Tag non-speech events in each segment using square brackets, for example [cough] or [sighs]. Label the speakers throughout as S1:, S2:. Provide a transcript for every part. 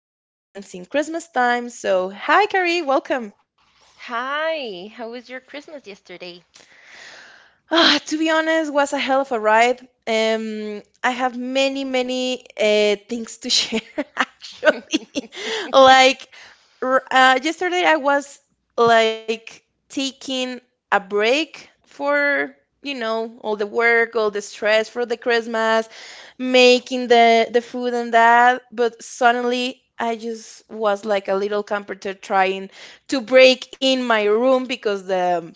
S1: the heck moments in Christmas time. So, hi, Carrie, welcome.
S2: Hi, how was your Christmas yesterday?
S1: Ah, to be honest, was a hell of a ride. I have many things to share [laughs] actually. [laughs] Like yesterday, I was like taking a break for, all the work, all the stress for the Christmas, making the food and that. But suddenly, I just was like a little comforter trying to break in my room because the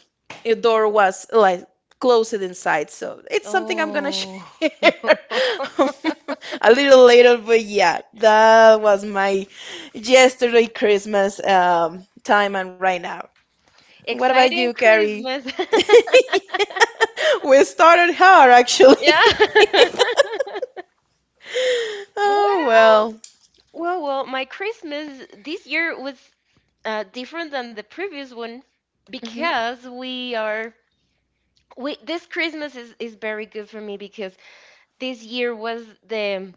S1: a door was like close it inside. So it's something I'm gonna [laughs]
S2: Oh, [laughs]
S1: share [laughs] a little later. But yeah, that was my yesterday Christmas time and right now. What about
S2: exciting
S1: you, Carrie?
S2: Christmas. [laughs]
S1: [laughs] We started hard actually.
S2: Yeah. [laughs]
S1: [laughs] Oh
S2: Well,
S1: well.
S2: well, well, my Christmas this year was different than the previous one
S1: Hmm.
S2: because we this Christmas is very good for me because this year was the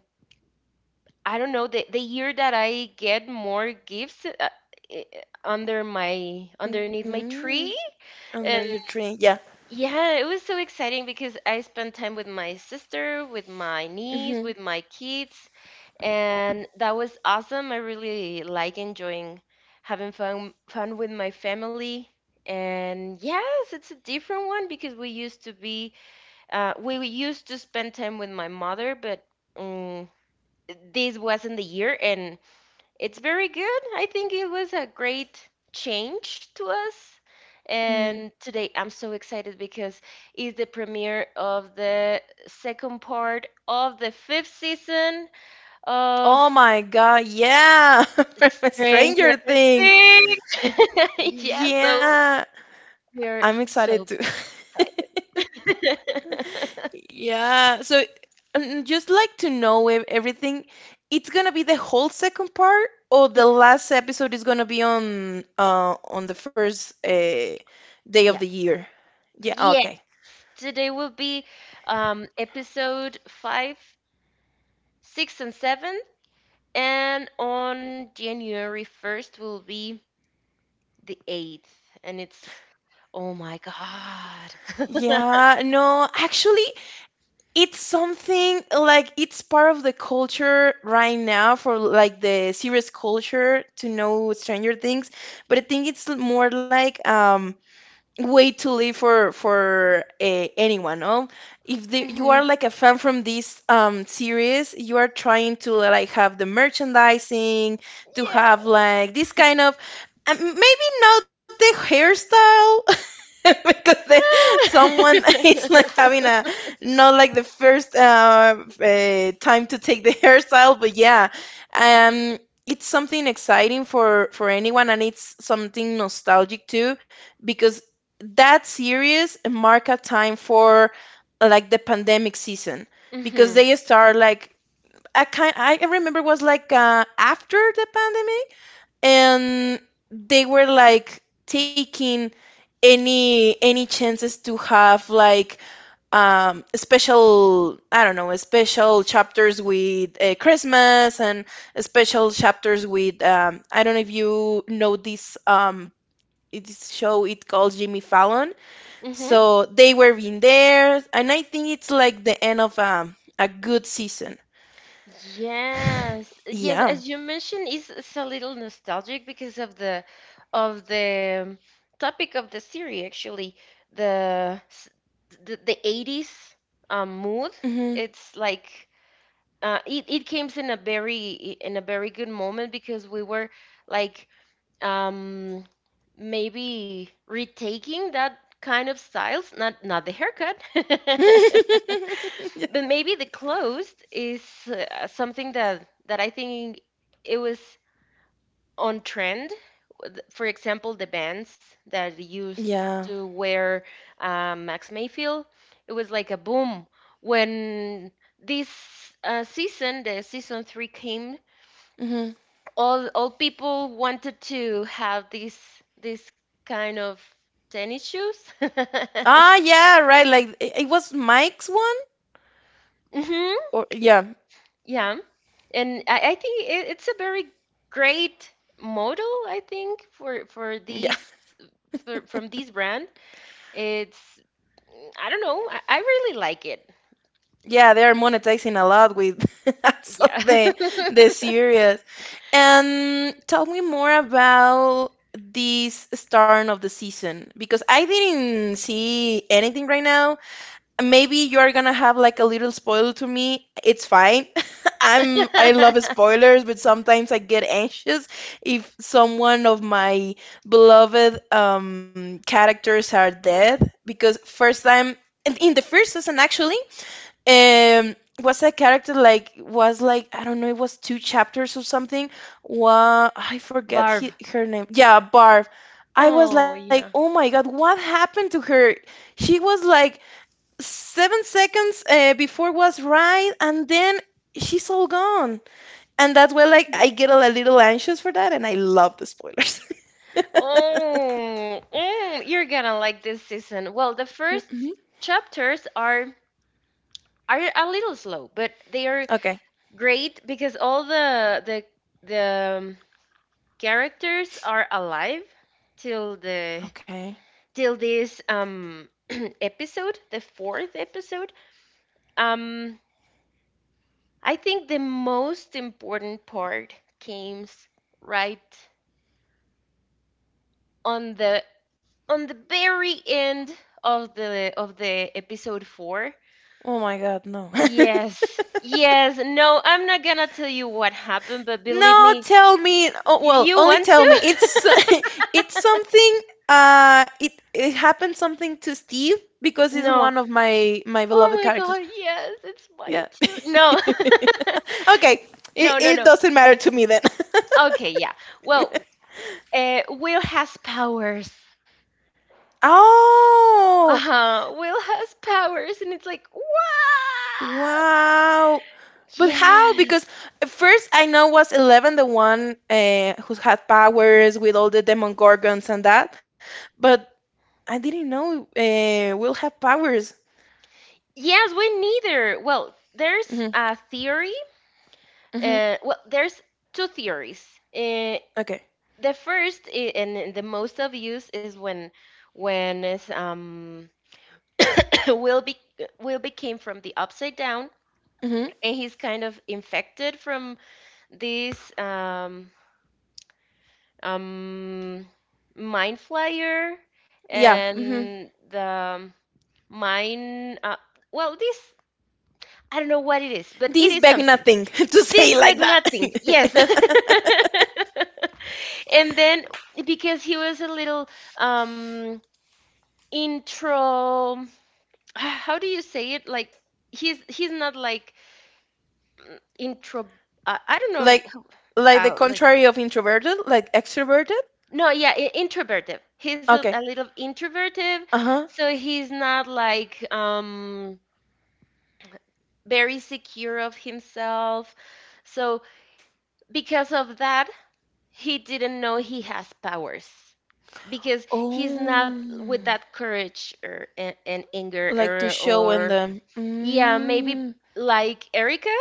S2: I don't know the year that I get more gifts eh, under my underneath my
S1: Mm.
S2: tree
S1: Under your
S2: and.
S1: tree, yeah.
S2: Yeah, it was so exciting because I spent time with my sister, with my niece,
S1: Hmm.
S2: with my kids, and that was awesome. I really like enjoying having fun with my family. And yes, it's a different one because we used to spend time with my mother, but um, this wasn't the year, and it's very good. I think it was a great change to us.
S1: Hmm.
S2: And today I'm so excited because it's the premiere of the second part of the fifth season of
S1: Oh my God, yeah! [laughs] From
S2: Stranger
S1: Stranger Things.
S2: Things. [laughs] Yeah, so
S1: Yeah,
S2: we're
S1: I'm
S2: so
S1: excited too.
S2: excited.
S1: [laughs]
S2: [laughs]
S1: Yeah, so and just like to know everything, it's gonna be the whole second part, or
S2: Mm,
S1: the last episode is gonna be on the first day
S2: yeah.
S1: of the year. Yeah,
S2: Yeah.
S1: okay.
S2: Today will be episode five, six, and seven. And on January 1st will be the 8th. And it's, oh my God.
S1: Yeah, no, actually, it's something like it's part of the culture right now for like the serious culture to know Stranger Things, but I think it's more like way to live for anyone, no, if
S2: [laughs]
S1: you
S2: Hmm.
S1: are like a fan from this series, you are trying to like have the merchandising to have
S2: Yeah.
S1: like this kind of maybe not the hairstyle [laughs] because they, someone [laughs] is like
S2: [laughs]
S1: having a not like the first time to take the [laughs] hairstyle, but yeah, um it's something exciting for anyone, and it's something nostalgic too because that series mark a time for like the pandemic season because
S2: Mhm.
S1: they start like I kind I remember it was like after the pandemic, and they were like taking any chances to have like special, I don't know, special chapters with Christmas and special chapters with I don't know if you know this this show it calls Jimmy Fallon.
S2: Mhm.
S1: So they were in there, and I think it's like the end of a good season.
S2: Yes. Yes,
S1: Yeah.
S2: as you mentioned, it's a little nostalgic because of the topic of the series actually, the s- the 80s mood.
S1: Hmm.
S2: It's like it it came in a very good moment because we were like um maybe retaking that kind of styles, not the haircut [laughs] but
S1: [laughs]
S2: maybe the clothes is something that I think it was on trend. With- for example the bands that used
S1: Yeah.
S2: to wear Max Mayfield. It was like a boom when this season three came,
S1: Mm-hmm.
S2: all people wanted to have these this kind of tennis shoes. [laughs]
S1: Ah, yeah, right. Like it was Mike's one,
S2: Hmm.
S1: or yeah,
S2: Yeah, and I think it's a very great model. I think for
S1: yeah,
S2: these for from this brand, it's I don't know. I really like it.
S1: yeah. They are monetizing a lot with [laughs] so
S2: Yeah.
S1: the series. And tell me more about this start of the season because I didn't see anything right now. Maybe you're gonna have like a little spoil to me, it's fine. [laughs] I'm, I love
S2: [laughs]
S1: spoilers, but sometimes I get anxious if someone of my beloved characters are dead because first time in the first season actually, um was a character like was like I don't know, it was two chapters or something what I forget
S2: Barb.
S1: he, her name, yeah, Barb. I was
S2: Oh
S1: like, oh
S2: yeah.
S1: my God, what happened to her? She was like 7 seconds before, was right, and then she's all gone. And that's where like,
S2: Mhm.
S1: I get a little anxious for that, and I love the spoilers. [laughs]
S2: Oh, mm, you're gonna like this season. Well, the
S1: You-
S2: first
S1: mhm.
S2: chapters are a little slow, but they are
S1: Okay,
S2: great because all the characters are alive till the
S1: okay.
S2: till this [clears throat] episode, the fourth episode. Um, I think the most important part came right on the very end of the episode four.
S1: Oh my God, no. [laughs]
S2: Yes. Yes, no, I'm not gonna tell you what happened, but believe
S1: No,
S2: me,
S1: tell me. Oh,
S2: Y-
S1: well,
S2: You
S1: only
S2: want
S1: tell me.
S2: to?
S1: It's
S2: [laughs]
S1: [laughs] it's something. It it happened something to Steve because he's
S2: No.
S1: one of my my
S2: Oh
S1: beloved
S2: my
S1: characters.
S2: God, yes, it's mine
S1: Yeah.
S2: too. No. [laughs]
S1: [laughs] Okay, it
S2: No, no,
S1: it
S2: no.
S1: doesn't matter to me then. [laughs]
S2: Okay, yeah. Well, Will has powers.
S1: Oh,
S2: Uh-huh. Will has powers, and it's like, what?
S1: wow. But how? Because
S2: Yes.
S1: at first I know was 11 the one who had powers with all the Demogorgons and that, but I didn't know Will have powers.
S2: Yes, we neither. Well, there's
S1: Hmm.
S2: a theory.
S1: Hmm.
S2: There's two theories. Uh,
S1: Okay.
S2: the first and the most obvious is when is [laughs] Will be Will became from the Upside Down,
S1: Hmm.
S2: and he's kind of infected from this um, mind flyer
S1: Yeah. Hmm.
S2: and the mind. This I don't know what it is, but it
S1: These
S2: is
S1: beg
S2: something.
S1: nothing [laughs] to say
S2: This bag
S1: like
S2: nothing. Yes.
S1: that. [laughs]
S2: [laughs] And then because he was a little um intro how do you say it, like he's not like intro I don't know
S1: Like, like the
S2: let's
S1: contrary
S2: see.
S1: of introverted, like extroverted.
S2: No, yeah, introverted, he's a
S1: Okay.
S2: little introverted,
S1: Uh-huh.
S2: so he's not like very secure of himself, so because of that he didn't know he has powers because he's not with
S1: Oh.
S2: that courage or and anger
S1: Like to show in
S2: or
S1: the
S2: yeah, maybe
S1: Mm,
S2: like Erica.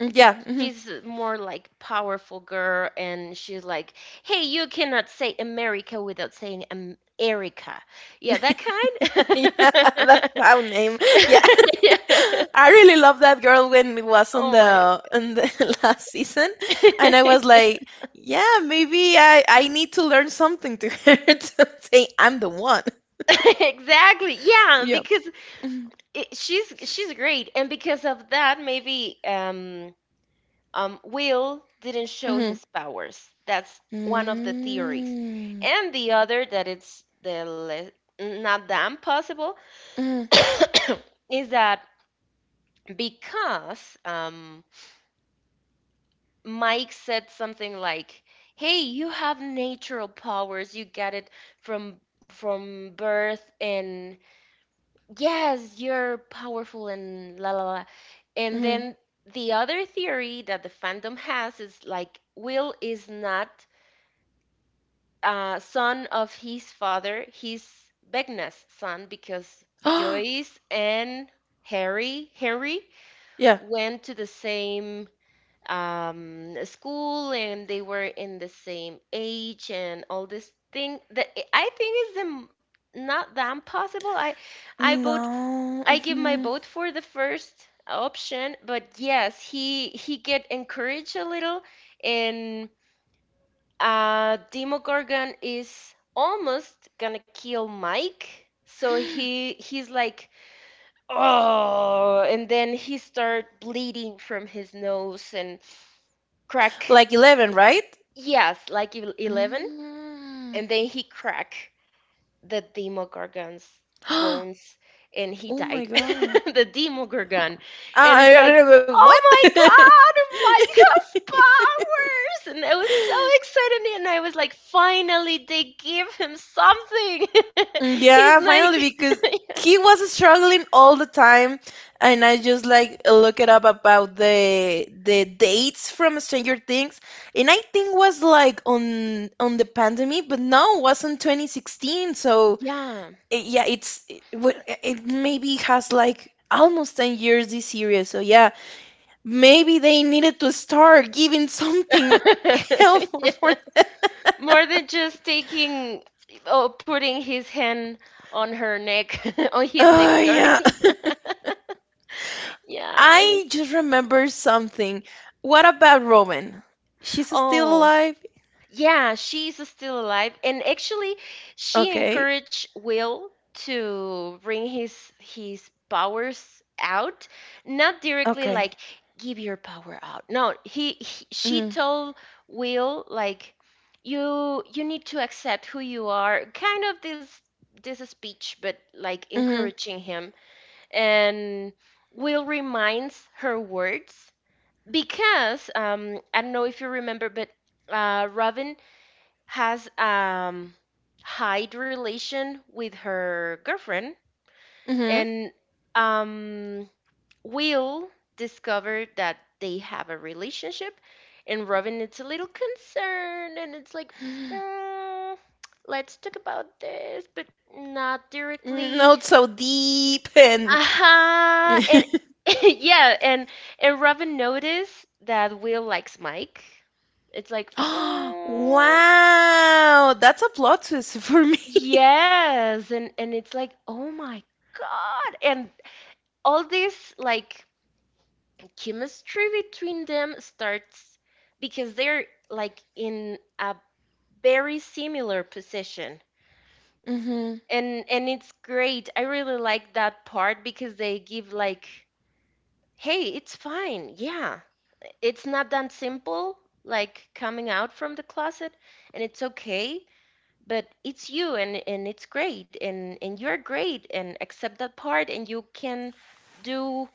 S1: mm, yeah, mhm.
S2: She's more like powerful girl and she's like, hey, you cannot say America without saying Erica. Yeah, that
S1: [laughs] Yeah,
S2: kind.
S1: that's my name. Yeah,
S2: [laughs] Yeah.
S1: [laughs] I really love that girl when it was
S2: Oh my.
S1: on the [laughs] last season, and I was
S2: [laughs]
S1: like, yeah, maybe I need to learn something to her [laughs] to say I'm the one.
S2: Exactly, yeah,
S1: Yeah.
S2: because
S1: Mm-hmm.
S2: she's great and because of that maybe Will didn't show
S1: Mm-hmm.
S2: his powers. That's one of the theories. And the other that it's the not damn possible
S1: Mm-hmm.
S2: [coughs] is that because Mike said something like, "Hey, you have natural powers. You get it from birth, and yes, you're powerful." And la la la. And then the other theory that the fandom has is like Will is not son of his father. He's Vecna's son because
S1: Oh,
S2: Joyce and Harry Henry
S1: [gasps] yeah.
S2: went to the same school and they were in the same age and all this thing, that I think is the not that impossible. I i vote
S1: No.
S2: I give my
S1: Mhm.
S2: vote for the first option, but yes, he get encouraged a little, and Demogorgon is almost gonna kill Mike, so
S1: [gasps]
S2: he's like, oh. And then he start bleeding from his nose and
S1: Like
S2: crack.
S1: 11, right?
S2: Yes, like 11,
S1: Mm.
S2: and
S1: [gasps]
S2: then he cracked the Demogorgon's bones and he
S1: Oh
S2: died.
S1: my
S2: [laughs]
S1: God.
S2: The Demogorgon. And it's like,
S1: I [laughs]
S2: "Oh my
S1: what?
S2: God, Micah's
S1: [laughs]
S2: powers!" And I was so excited and I was like, "Finally, they give him something." [laughs] He's
S1: Yeah, finally,
S2: like,
S1: because he was struggling all the time, and I just like look it up about the dates from Stranger Things, and I think was like on the pandemic, but no, it was on 2016. So
S2: yeah.
S1: yeah, it's it, wa- it maybe has like almost 10 years this series. So yeah, maybe they needed to start giving something [laughs]
S2: [laughs]
S1: helpful for
S2: Yeah.
S1: them.
S2: More than just taking or putting his hand on her neck, [laughs] on his neck,
S1: Oh
S2: sorry.
S1: yeah,
S2: [laughs] Yeah.
S1: I just remember something. What about Robin? She's still
S2: Oh,
S1: alive?
S2: yeah, she's still alive. And actually, she
S1: Okay.
S2: encouraged Will to bring his powers out, not directly
S1: Okay.
S2: like give your power out. No, he she
S1: Mhm.
S2: told Will like, you need to accept who you are. Kind of this speech, but like
S1: Mhm.
S2: encouraging him. And Will reminds her words because I don't know if you remember, but Robin has hide relation with her girlfriend,
S1: Mhm.
S2: and um, Will discovered that they have a relationship, and Robin is a little concerned, and it's like, mm, let's talk about this, but not directly.
S1: Not so deep and
S2: Uh-huh. And
S1: [gasps]
S2: [laughs] yeah, and Robin noticed that Will likes Mike. It's like,
S1: wow,
S2: mm,
S1: that's a plot twist for me. [laughs]
S2: yes, and it's like, oh my God. And all this like chemistry between them starts because they're like in a very similar position.
S1: Mhm.
S2: And it's great. I really like that part because they give like, hey, it's fine. Yeah, it's not that simple like coming out from the closet, and it's okay, but it's you, and it's great, and you're great, and accept that part and you can do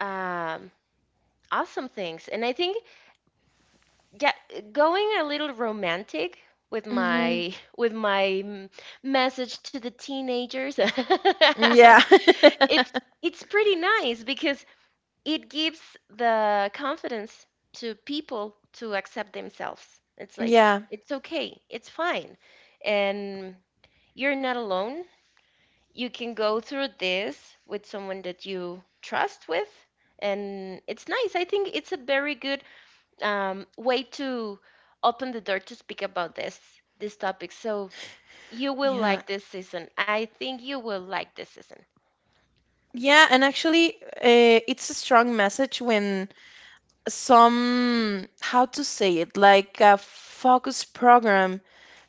S2: um awesome things. And I think yeah, going a little romantic with
S1: Mhm.
S2: my [laughs] with my mm, message to the teenagers. [laughs]
S1: Yeah.
S2: It's
S1: [laughs]
S2: pretty nice because it gives the confidence to people to accept themselves. It's like,
S1: Yeah,
S2: it's okay, it's fine. And you're not alone. You can go through this with someone that you trust with. And it's nice. I think it's a very good way to open the door to speak about this topic. So
S1: yeah,
S2: you will like this season. I think you will like this season.
S1: yeah, and actually, it's a strong message when some, how to say it, like a focus program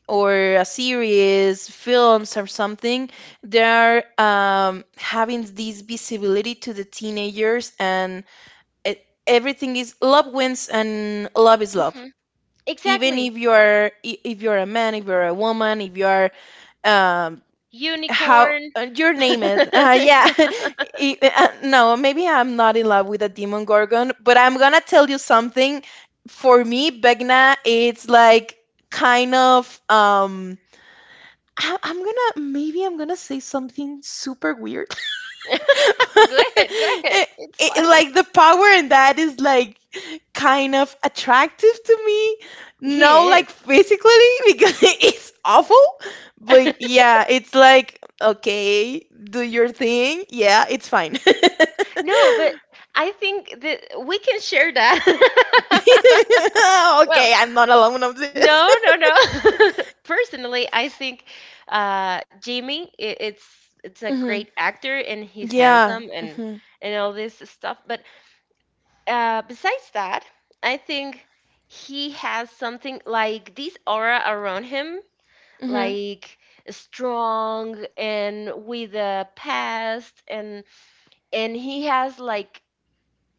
S1: or a series, films, or something, they are having this visibility to the teenagers, and it, everything is love wins, and love is love.
S2: Hmm.
S1: Even
S2: Exactly.
S1: if you are if you're a man, if you're a woman, if you are um, how
S2: Unicorn.
S1: your name it,
S2: [laughs]
S1: yeah.
S2: Yeah.
S1: [laughs] No, maybe I'm not in love with a demon gorgon, but I'm gonna tell you something. For me, Begna, it's like kind of I'm gonna, maybe I'm gonna say something super weird. [laughs]
S2: [laughs] Good, good.
S1: it,
S2: It's fine.
S1: it, like the power in that is like kind of attractive to me.
S2: He
S1: No, like
S2: is.
S1: physically [laughs] because it's awful. But
S2: [laughs]
S1: yeah, it's like okay, do your thing. Yeah, it's fine. [laughs] Okay,
S2: No, but I think that we can share that. [laughs] Well,
S1: I'm not alone on this.
S2: no, no, no. [laughs] Personally, I think Jimmy, I it's a
S1: [laughs] Hmm.
S2: great actor and he's handsome
S1: Yeah.
S2: and
S1: Hmm.
S2: all this stuff. But besides that, I think he has something like this aura around him,
S1: Hmm.
S2: like strong and with a past, and he has like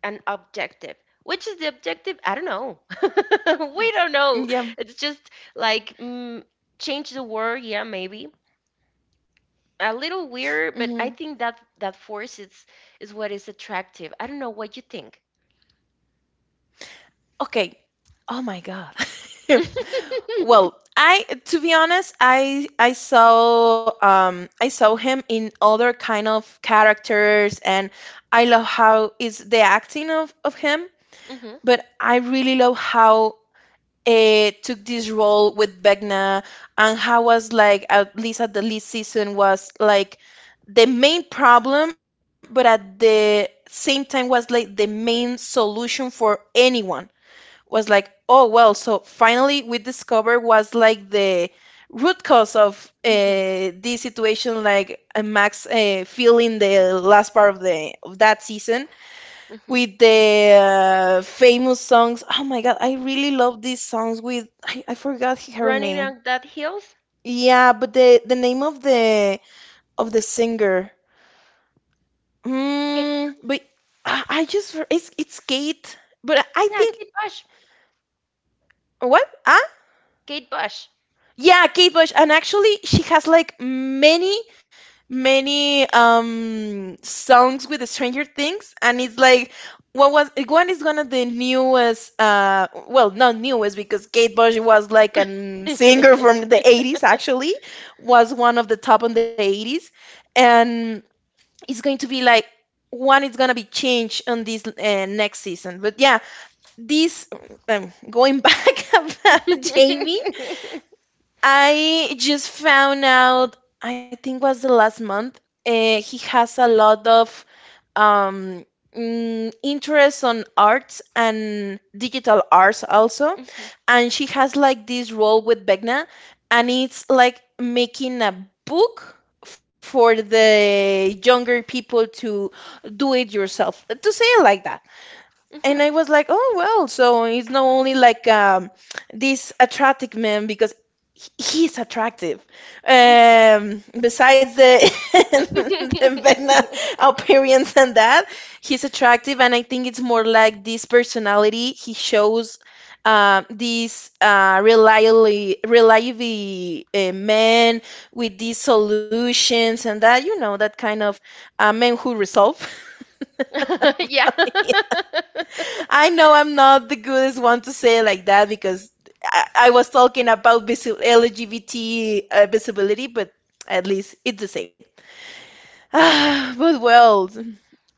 S2: an objective, which is the objective, I don't know, [laughs] we don't know.
S1: Yeah.
S2: It's just like mm, change the word, yeah, maybe a little weird, but
S1: Hmm.
S2: I think that that force is what is attractive. I don't know what you think.
S1: Okay. Oh my God. [laughs]
S2: [laughs]
S1: Well, I to be honest, I saw him in other kind of characters, and I love how is the acting of him,
S2: Hmm.
S1: but I really love how it took this role with Vecna, and how was like at least at the least season was like the main problem, but at the same time was like the main solution for anyone, was like, oh well, so finally we discovered was like the root cause of
S2: Hmm.
S1: this situation, like Max feeling the last part of the of that season
S2: Hmm.
S1: with the famous songs. Oh my God, I really love these songs with I forgot her
S2: Running
S1: name.
S2: on that hills.
S1: Yeah, but the name of the singer.
S2: Kate,
S1: Mm, but I just it's Kate, but I
S2: yeah,
S1: think
S2: Kate Bush.
S1: what?
S2: Kate
S1: Yeah, Kate Bush. And actually, she has like many songs with the Stranger Things, and it's like what was one is one of the newest well, not newest because Kate Bush was like a singer from the 80s actually, was one of the top on the 80s, and it's going to be like one is going to be changed on this next season, but yeah, this going back [laughs] about
S2: Bush.
S1: Jamie, I just found out, I think was the last month, he has a lot of um, interest on arts and digital arts also.
S2: [laughs] [laughs]
S1: And she has like this role with Begna, and it's like making a book for the younger people to do it yourself, to say it like that. And
S2: Mhm,
S1: I was like, oh well, so it's not only like this attractive man because he's attractive.
S2: mhm.
S1: Besides the [laughs] the vena
S2: [laughs]
S1: appearance and that, he's attractive, and I think it's more like this personality he shows. This reliably man with these solutions and that, you know, that kind of men who resolve.
S2: Yeah. [laughs]
S1: I know I'm not the goodest one to say it like that because I was talking about LGBT visibility, but at least it's the same. [sighs] But well,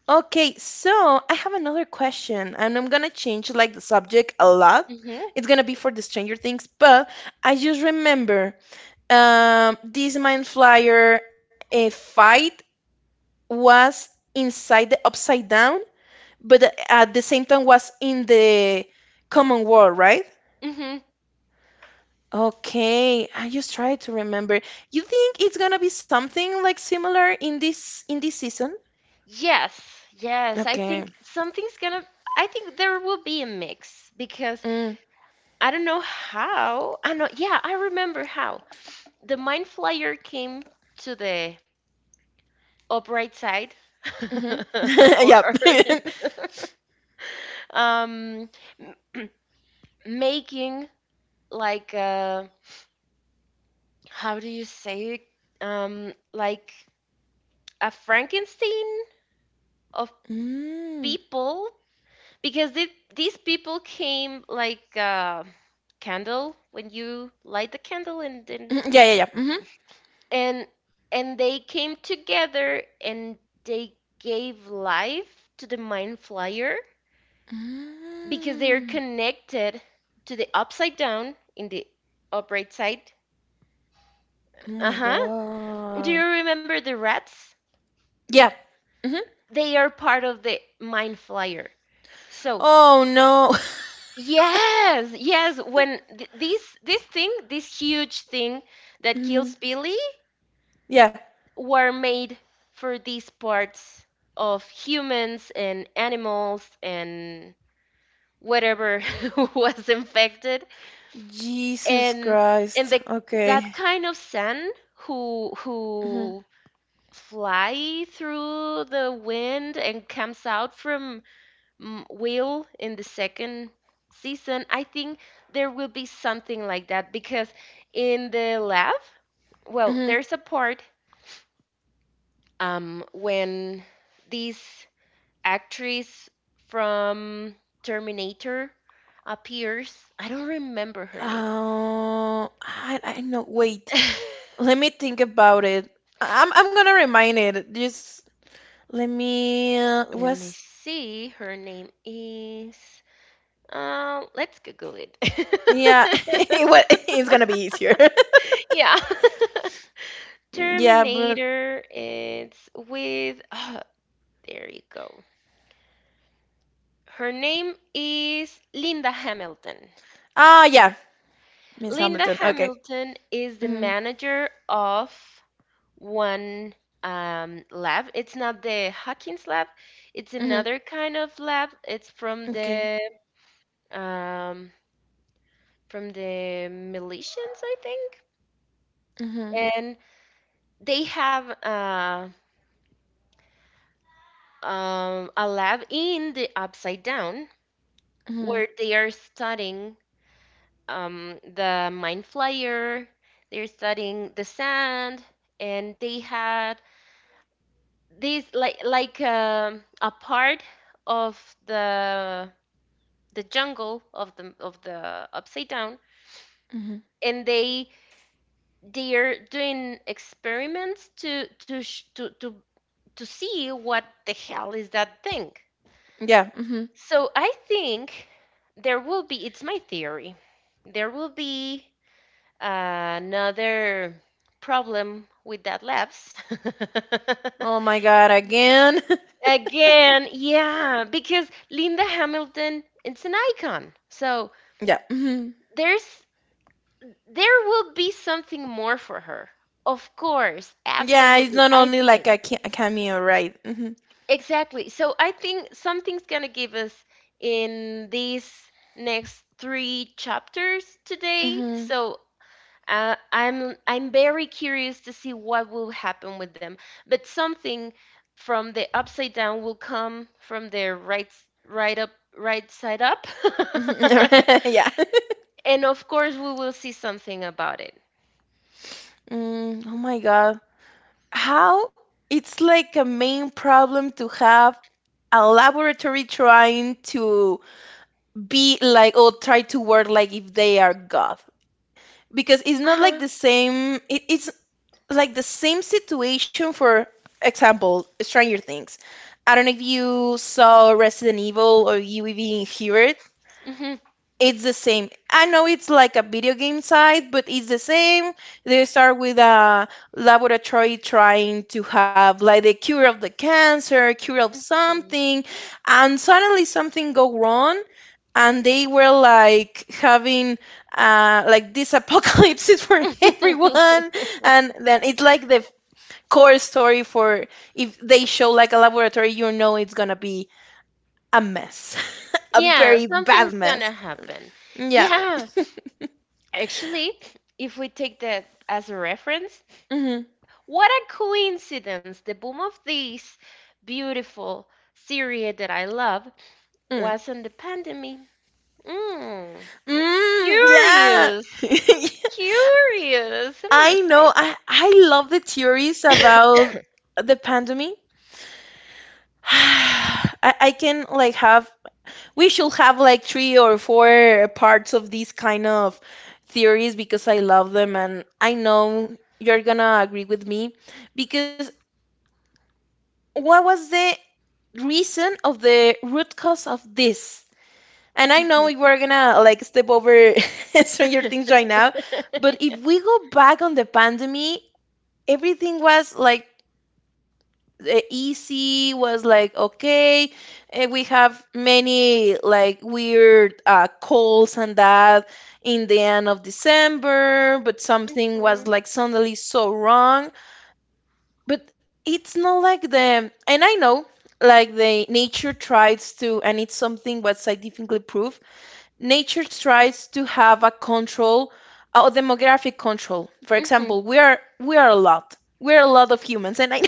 S1: okay. So I have another question, and I'm gonna change like the subject a lot.
S2: Mhm,
S1: It's gonna be for the Stranger Things, but I just remember this Mind Flyer fight was inside the Upside Down, but at the same time was in the common war, right?
S2: mhm.
S1: Okay, I just try to remember. You think it's gonna be something like similar in this season?
S2: Yes, yes. I
S1: Okay.
S2: think something's gonna. I think there will be a mix because
S1: Mm,
S2: I don't know how. I know. Yeah, I remember how the mind flyer came to the upright side, [laughs]
S1: mm-hmm. [laughs] Yep.
S2: or
S1: [laughs]
S2: [laughs] um, m- making like how do you say it? Like a Frankenstein of
S1: Mm.
S2: people, because these people came like candle, when you light the candle, and then
S1: Mm, yeah, yeah, yeah. Mm-hmm.
S2: and and they came together and they gave life to the mind flyer because they're
S1: Mm.
S2: connected to the upside down in the upright side.
S1: Oh my
S2: Uh-huh. Do you
S1: God.
S2: remember the rats?
S1: Yeah. Mm-hmm.
S2: They are part of the mind flyer, so
S1: Oh no.
S2: yes, yes. When this thing, this huge thing
S1: [laughs]
S2: that kills
S1: Mm.
S2: Billy,
S1: Yeah.
S2: were made for these parts of humans and animals and whatever [laughs] was infected,
S1: Jesus
S2: and
S1: Christ.
S2: the
S1: Okay.
S2: that kind of sun who
S1: Mm-hmm.
S2: fly through the wind and comes out from mm, Will in the second season. I think there will be something like that because in the lab, well, there's a part when this actress from Terminator appears, I don't remember her name.
S1: Oh, I know. Wait, let me
S2: [laughs]
S1: think about it. I'm gonna remind it. Just let me. It
S2: Let me
S1: was
S2: see, her name is let's Google it.
S1: yeah. [laughs] What it's gonna be easier. [laughs]
S2: [laughs] Yeah. [laughs]
S1: Yeah, but
S2: Terminator. It's with. [sighs] Ah, there you go. Her name is Linda Hamilton.
S1: ah yeah, Miss
S2: Linda
S1: Hamilton. Okay.
S2: Hamilton is the
S1: Mhm.
S2: manager of one lab. It's not the Hawkins lab. It's
S1: Mhm.
S2: another kind of lab. It's
S1: Okay.
S2: um, from the militias, I think.
S1: Mhm.
S2: And they have a lab in the Upside Down where
S1: Mhm.
S2: they are studying the Mind Flyer. They're studying the sand, and they had these a part of the the jungle of the upside down,
S1: Mhm.
S2: and they're doing experiments to sh- to see what the hell is that thing.
S1: Yeah. Mhm.
S2: So I think there will be. It's my theory. There will be another problem with that lapse.
S1: Oh my
S2: [laughs]
S1: God, again.
S2: Again, yeah, because Linda Hamilton is an icon. So
S1: [laughs] Yeah. Mhm.
S2: there's there will be something more for her. Of course,
S1: Yeah, it's
S2: absolutely.
S1: not
S2: I
S1: only like
S2: think.
S1: a, a cameo, right? Mhm.
S2: Exactly. So I think something's going to give us in these next three chapters today.
S1: Mhm.
S2: So I'm very curious to see what will happen with them. But something from the upside down will come from their right up right side up,
S1: Mhm.
S2: [laughs]
S1: [laughs] Yeah.
S2: and of course we will see something about it.
S1: Mm, oh my God. How it's like a main problem to have a laboratory trying to be like or try to work like if they are God. Because it's not like
S2: Uh
S1: the same, it's like the same situation, for example, Stranger Things. I don't know if you saw Resident Evil or you even hear it,
S2: huh.
S1: it's the same. I know it's like a video game side, but it's the same. They start with a laboratory trying to have like the cure of the cancer, cure of
S2: Hmm.
S1: something, and suddenly something go wrong, and they were like having like this apocalypse [laughs] for everyone, and then it's like the core story for if they show like a laboratory, you know it's gonna be a mess, [laughs] a
S2: Yeah,
S1: very bad
S2: something's gonna
S1: mess.
S2: happen.
S1: Yeah.
S2: Yeah, actually, if we take that as a reference,
S1: Mm-hmm.
S2: what a coincidence! The boom of this beautiful series that I love
S1: Mm.
S2: was on the pandemic. Mm,
S1: Mm, yeah.
S2: curious,
S1: [laughs]
S2: curious. I'm gonna
S1: I
S2: say
S1: know. I love the theories
S2: that. [laughs]
S1: about the pandemic. [sighs] I can like have, we should have like three or four parts of these kind of theories because I love them and I know you're gonna agree with me because what was the reason of the root cause of this? And I know
S2: Mhm,
S1: we were gonna like step over [laughs] Stranger Things right now, but if we go back on the pandemic, everything was like easy, was like okay, and we have many like weird calls and that in the end of December, but something was
S2: mhm,
S1: like suddenly so wrong. But it's not like the, and I know, like the nature tries to, and it's something what scientifically proof, nature tries to have a control, a demographic control, for
S2: mhm,
S1: example, we are a lot, we are a lot of humans, and I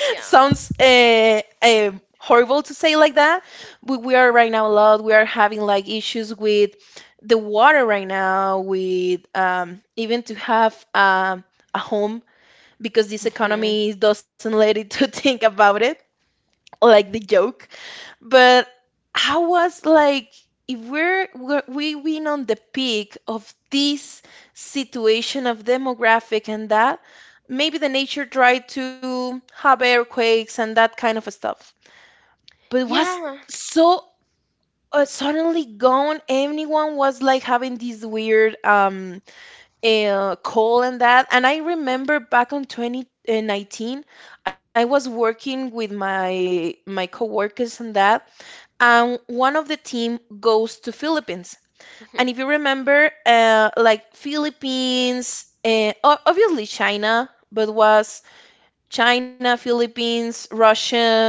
S2: yeah.
S1: horrible to say like that. We are right now a lot. We are having like issues with the water right now, with even to have a home because this
S2: Mhm,
S1: economy doesn't let it to [laughs] think about it. Like the joke, but I was like, if we win on the peak of this situation of demographic and that, maybe the nature tried to have earthquakes and that kind of stuff. But it was
S2: yeah.
S1: so suddenly gone. Everyone was like having this weird call and that. And I remember back on 2019, I was working with my coworkers and that, and one of the team goes to Philippines.
S2: Mhm,
S1: And if you remember, like Philippines, obviously China, but was China, Philippines, Russia,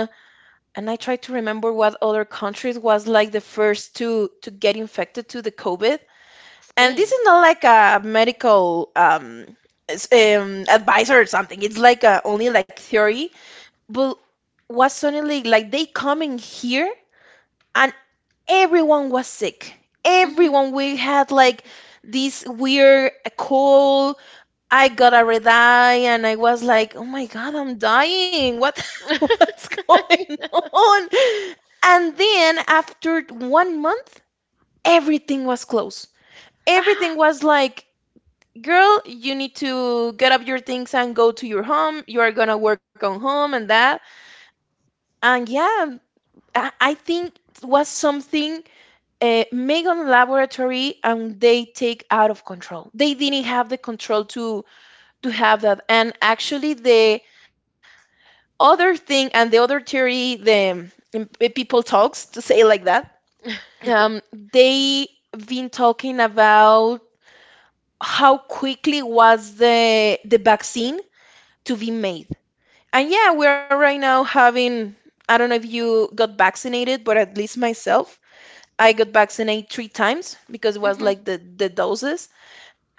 S1: and I try to remember what other countries was like the first to get infected to the COVID. And this
S2: Spain.
S1: is not like a medical advisor or something. It's like a, only like theory, but was suddenly like they coming here and everyone was sick.
S2: Mhm.
S1: Everyone, we had like this weird cold. I got a red eye, and I was like, oh my God, I'm dying. What, [laughs] what's going
S2: [laughs]
S1: on? And then after 1 month, everything was closed. Everything
S2: Ah,
S1: was like, girl, you need to get up your things and go to your home. You are going to work on home and that. And yeah, I think it was something Megan Laboratory and they take out of control. They didn't have the control to have that. And actually, the other thing and the other theory, the um, people talks to say like that, they been talking about how quickly was the vaccine to be made. And yeah, we're right now having. I don't know if you got vaccinated, but at least myself, I got vaccinated three times because it was
S2: mhm,
S1: like the doses.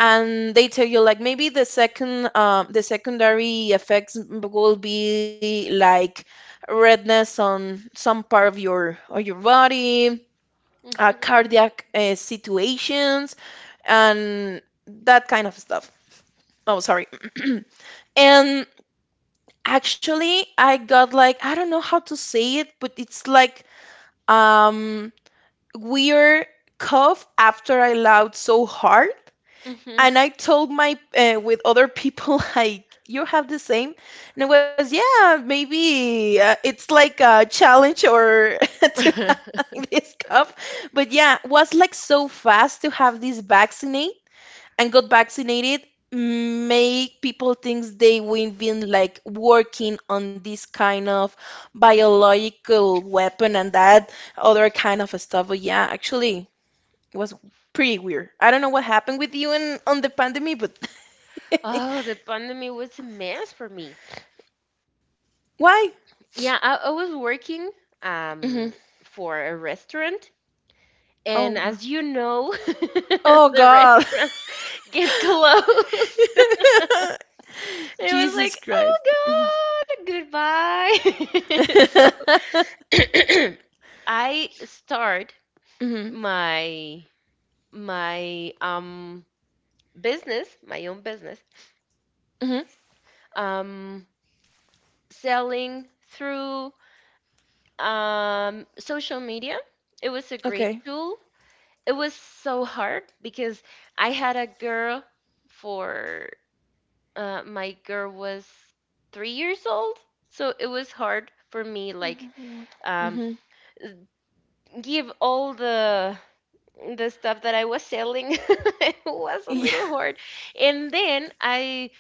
S1: And they tell you like maybe the second, the secondary effects will be like redness on some part of your body,
S2: mhm,
S1: cardiac situations and that kind of stuff. Oh sorry. [clears throat] And actually I got like, I don't know how to say it, but it's like um weird cough after I laughed so hard.
S2: mhm.
S1: And I told my with other people [laughs] like you have the same, and it was, yeah, maybe it's like a challenge or [laughs] to have
S2: [laughs]
S1: like this cup, but yeah, was like so fast to have this vaccinate and got vaccinated, make people think they will be like working on this kind of biological weapon and that other kind of stuff. But yeah, actually it was pretty weird. I don't know what happened with you and on the pandemic, but [laughs]
S2: Oh, the pandemic was a mess for me.
S1: why?
S2: Yeah, I was working
S1: Hmm.
S2: um for a restaurant, and
S1: Oh god.
S2: as you know, [laughs]
S1: Oh
S2: the
S1: god.
S2: restaurants get [laughs] closed.
S1: [laughs]
S2: It was
S1: Jesus
S2: like,
S1: Christ.
S2: oh God, goodbye. [laughs] So
S1: [laughs]
S2: [clears throat] I start
S1: Hmm.
S2: my my um business, my own business,
S1: Hmm.
S2: um selling through social media. It was a great
S1: Okay.
S2: tool. It was so hard because I had a girl for my girl was 3 years old, so it was hard for me like
S1: Hmm.
S2: um give all the stuff that I was selling. [laughs] It was a
S1: Yeah.
S2: little hard. And then I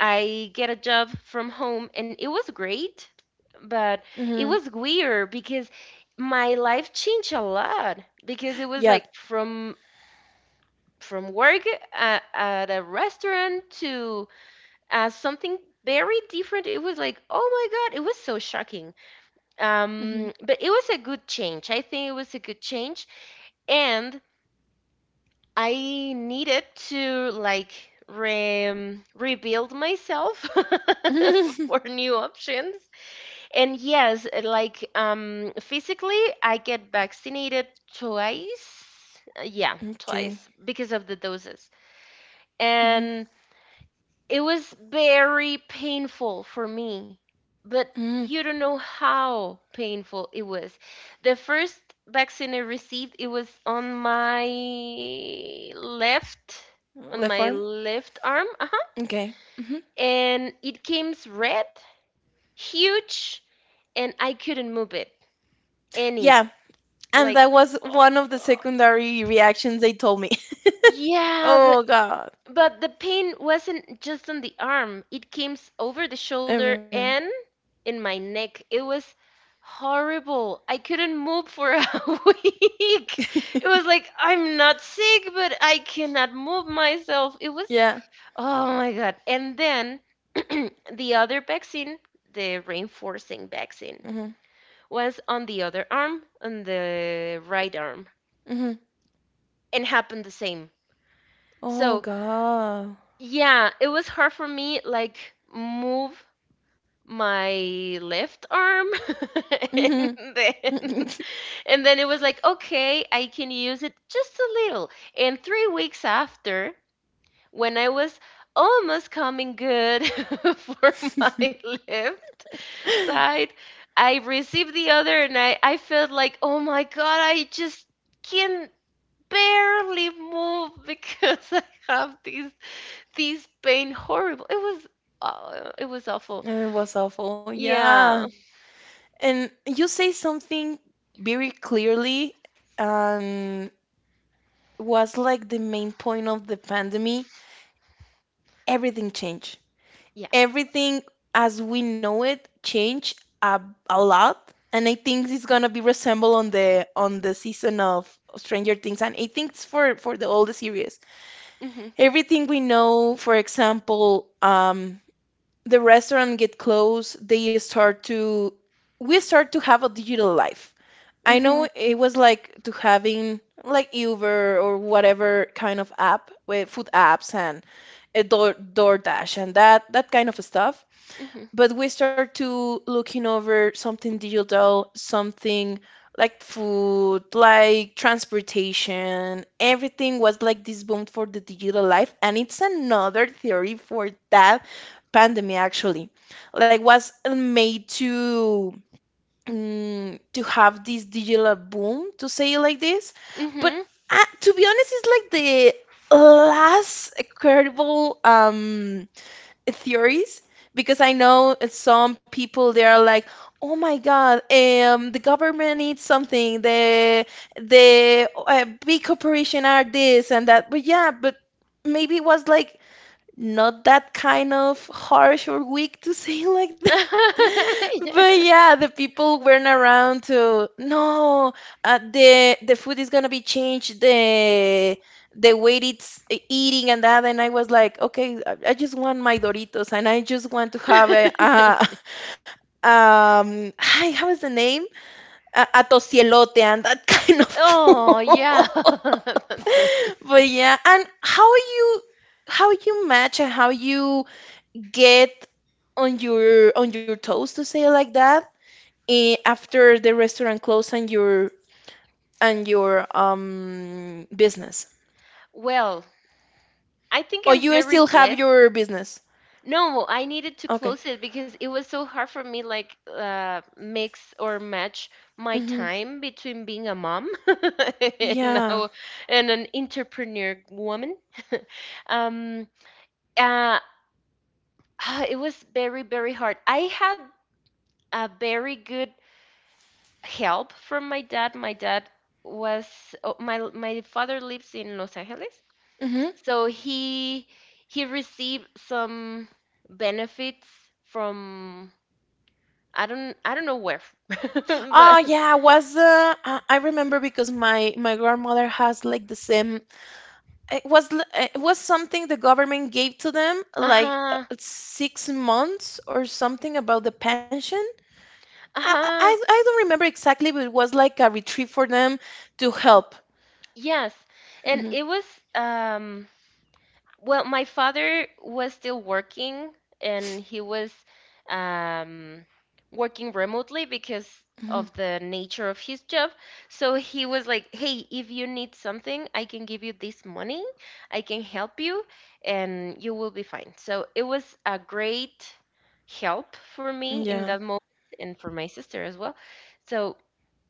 S2: I get a job from home and it was great, but it
S1: Hmm.
S2: was weird because my life changed a lot because it was
S1: Yeah.
S2: like from work at a restaurant to something very different. It was like, oh my God, it was so shocking.
S1: Hmm.
S2: But it was a good change. I think it was a good change. And I needed to like rebuild myself [laughs] for
S1: [laughs]
S2: new options. And yes, like physically, I get vaccinated twice. Yeah,
S1: Okay.
S2: twice because of the doses.
S1: Hmm.
S2: And it was very painful for me, but you don't know how painful it was. The first vaccine I received, it was left, on
S1: Left
S2: my
S1: arm.
S2: left arm, uh-huh,
S1: Okay. Hmm.
S2: and it came red, huge, and I couldn't move it any.
S1: Yeah. And
S2: Like,
S1: that was
S2: oh
S1: one of the
S2: God.
S1: secondary reactions they told me. [laughs]
S2: Yeah,
S1: Oh god.
S2: but the pain wasn't just on the arm. It came over the shoulder
S1: Ever. [laughs]
S2: and in my neck. It was horrible. I couldn't move for a [laughs] week. It was like, I'm not sick, but I cannot move myself. It was,
S1: Yeah.
S2: oh my God. And then [clears throat] the other vaccine, the reinforcing vaccine,
S1: Hmm.
S2: was on the other arm, on the right arm, and happened the same.
S1: Oh
S2: So,
S1: God.
S2: yeah, it was hard for me, like, move my left arm [laughs] and
S1: Mhm.
S2: then
S1: [laughs]
S2: then it was like, okay, I can use it just a little. And 3 weeks after, when I was almost coming good [laughs] for my left side, I received the other and I felt like, oh my God, I just can barely move because [laughs] I have these pain horrible. It was awful.
S1: It was awful.
S2: Yeah.
S1: Yeah. And you say something very clearly, and was like the main point of the pandemic. Everything changed.
S2: Yeah.
S1: Everything as we know it changed a lot. And I think it's gonna be resemble on the season of Stranger Things, and I think it's for the all the series.
S2: Mhm.
S1: Everything we know, for example, the restaurant get closed, they start to, we start to have a digital life. I know
S2: Mhm.
S1: it was like to having like Uber or whatever kind of app with food apps, and a door, DoorDash and that, that kind of stuff,
S2: Mhm.
S1: but we start to looking over something digital, something like food, like transportation. Everything was like this boom for the digital life, and it's another theory for that pandemic actually. Like was made to, to have this digital boom, to say it like this, but
S2: Mhm.
S1: to be honest, it's like the last incredible theories, because I know some people they are like, "Oh my God, the government needs something. The big corporation are this and that." But yeah, but maybe it was like not that kind of harsh or weak to say [laughs] like that. But
S2: [laughs]
S1: yeah, the people weren't around to no, the food is gonna be changed, the way it's eating and that, and I was like, okay, I just want my Doritos, and I just want to have
S2: Yeah.
S1: a,
S2: [laughs]
S1: [laughs] hi, how is the name? A tocielote and that [laughs] kind of food.
S2: Oh, yeah. [laughs]
S1: [laughs]
S2: That's a-
S1: But yeah, and how you, how you match and how you get on your, on your toes, to say it like that, after the restaurant close and your business,
S2: well, I think
S1: or
S2: I'm
S1: you
S2: very
S1: still have
S2: blessed.
S1: your business?
S2: No, I needed to
S1: Okay.
S2: close it because it was so hard for me like mix or match my
S1: Mm-hmm.
S2: time between being a mom [laughs] and
S1: Yeah.
S2: now and an entrepreneur woman. Um uh [sighs] ah, It was very very hard. I had a very good help from my dad. My dad was oh, my father lives in Los Angeles
S1: Mm-hmm.
S2: so he received some benefits from I don't know where [laughs]
S1: Oh
S2: but
S1: yeah, was I remember because my grandmother has like the same. It was it was something the government gave to them, like
S2: uh-huh,
S1: 6 months or something about the pension. I, I
S2: uh-huh,
S1: I don't remember exactly, but it was like a retreat for them to help.
S2: yes. And
S1: Hmm.
S2: it was um well, my father was still working and he was um, working remotely because
S1: Hmm.
S2: of the nature of his job. So he was like, hey, if you need something, I can give you this money, I can help you, and you will be fine. So it was a great help for me in that
S1: Yeah.
S2: moment and for my sister as well. So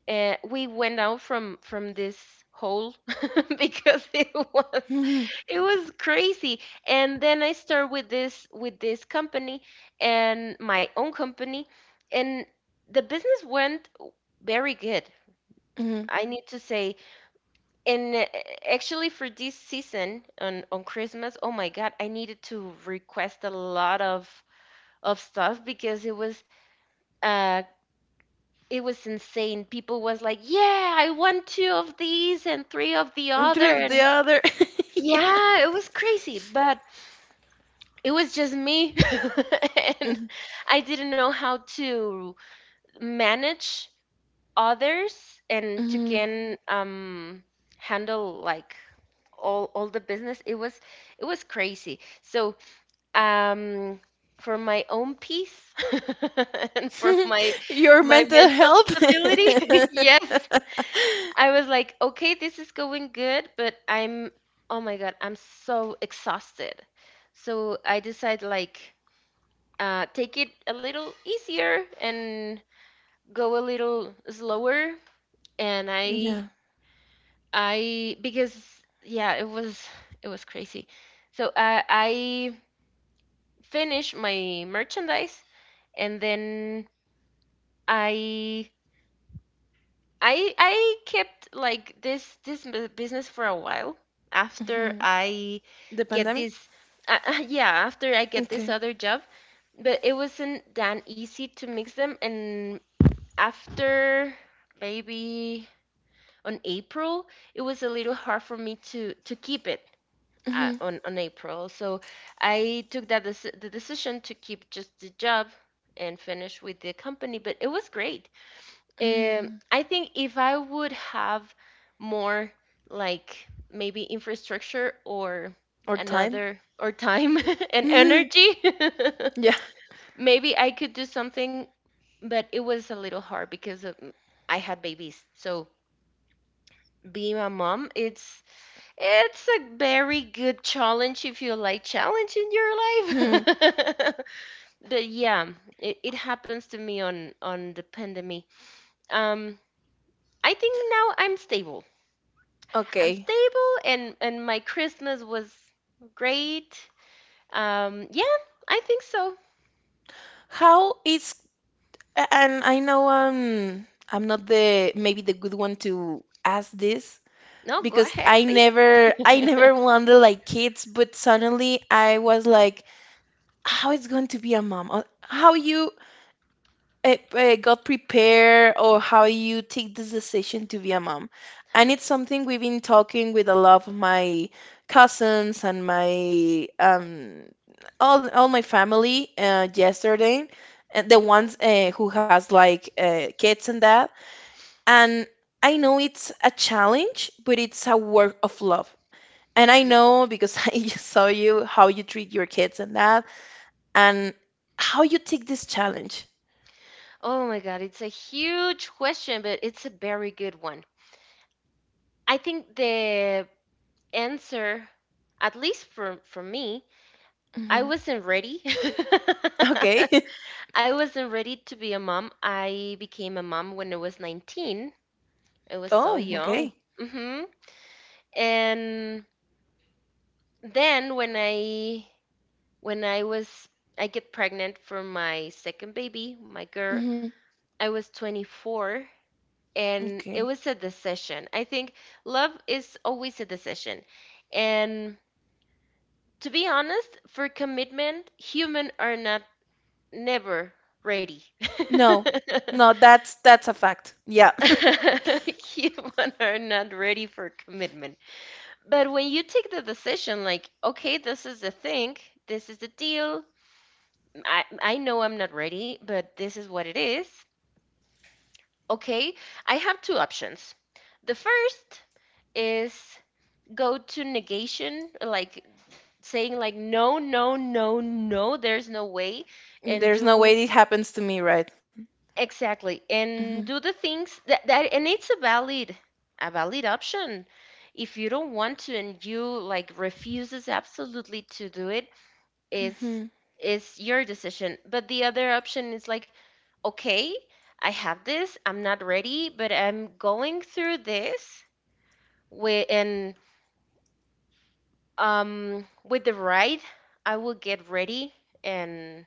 S2: we went out from this hole [laughs] because
S1: Hmm.
S2: it was crazy. And then I started with this company and my own company and the business went very good,
S1: Hmm.
S2: I need to say. And actually for this season on Christmas, oh my God, I needed to request a lot of stuff because it was uh it was insane. People was like, "Yeah, I want 2 of these and 3 of the other,"
S1: Through the
S2: and
S1: other. [laughs]
S2: yeah, it was crazy, but it was just me, [laughs] and
S1: Mhm,
S2: I didn't know how to manage others and to
S1: mhm.
S2: can handle like all the business. It was crazy. So um, for my own peace [laughs] and for my
S1: [laughs] Your
S2: my
S1: mental
S2: mental
S1: health. [laughs]
S2: stability, [laughs] yes, I was like, okay, this is going good, but I'm, oh my God, I'm so exhausted. So I decide like, take it a little easier and go a little slower. And
S1: Yeah.
S2: because yeah, it was crazy. So I finished my merchandise and then I I kept like this business for a while after
S1: Hmm.
S2: I
S1: The
S2: get
S1: pandemic.
S2: this [laughs] yeah, after I get this
S1: Okay.
S2: other job, but it wasn't that easy to mix them. And after maybe on April, it was a little hard for me to keep it
S1: Hmm.
S2: on April. So I took that the decision to keep just the job and finish with the company, but it was great.
S1: Hmm.
S2: I think if I would have more like maybe infrastructure or
S1: Or time.
S2: another or time [laughs] and
S1: Mhm.
S2: energy,
S1: [laughs] Yeah.
S2: [laughs] maybe I could do something, but it was a little hard because of, I had babies. So being a mom, it's a very good challenge if you like challenge in your life.
S1: Mhm.
S2: [laughs] But yeah, it happens to me on the pandemic. Um, I think now I'm stable. I'm
S1: Okay.
S2: stable and my Christmas was great. Yeah, I think so.
S1: How is, and I know I'm not the maybe the good one to ask this,
S2: No, go
S1: because
S2: ahead,
S1: I
S2: please. [laughs]
S1: never, I never wanted like kids, but suddenly I was like, how it's going to be a mom, or how you got prepared, or how you take this decision to be a mom, and it's something we've been talking with a lot of my cousins and my all my family yesterday, and the ones who has like kids and that, and I know it's a challenge, but it's a work of love, and I
S2: Yeah.
S1: know because [laughs] I saw you how you treat your kids and that, and how you take this challenge.
S2: Oh my God, it's a huge question, but it's a very good one. I think the answer, at least for me, I
S1: Hmm.
S2: wasn't ready. [laughs]
S1: Okay. [laughs]
S2: I wasn't ready to be a mom. I became a mom when I was 19. I was so
S1: Oh,
S2: young.
S1: okay.
S2: Hmm. And then when I When I was I get pregnant for my second baby, my girl,
S1: Hmm.
S2: I was 24 and it
S1: Okay.
S2: was a decision. I think love is always a decision. And to be honest, for commitment, human are not never ready.
S1: No. No, that's a fact. Yeah.
S2: [laughs] Human are not ready for commitment. But when you take the decision, like, okay, this is the thing, this is the deal. I know I'm not ready, but this is what it is. Okay, I have two options. The first is go to negation, like saying like no, no, no, no, there's no way,
S1: [laughs]
S2: and
S1: There's no
S2: do
S1: way it happens to me, right?
S2: exactly
S1: Hmm.
S2: and do the things that and it's a valid option. If you don't want to and you like refuses absolutely to do it, is
S1: Hmm.
S2: is your decision. But the other option is like, okay, I have this. I'm not ready, but I'm going through this with and with the ride, I will get ready and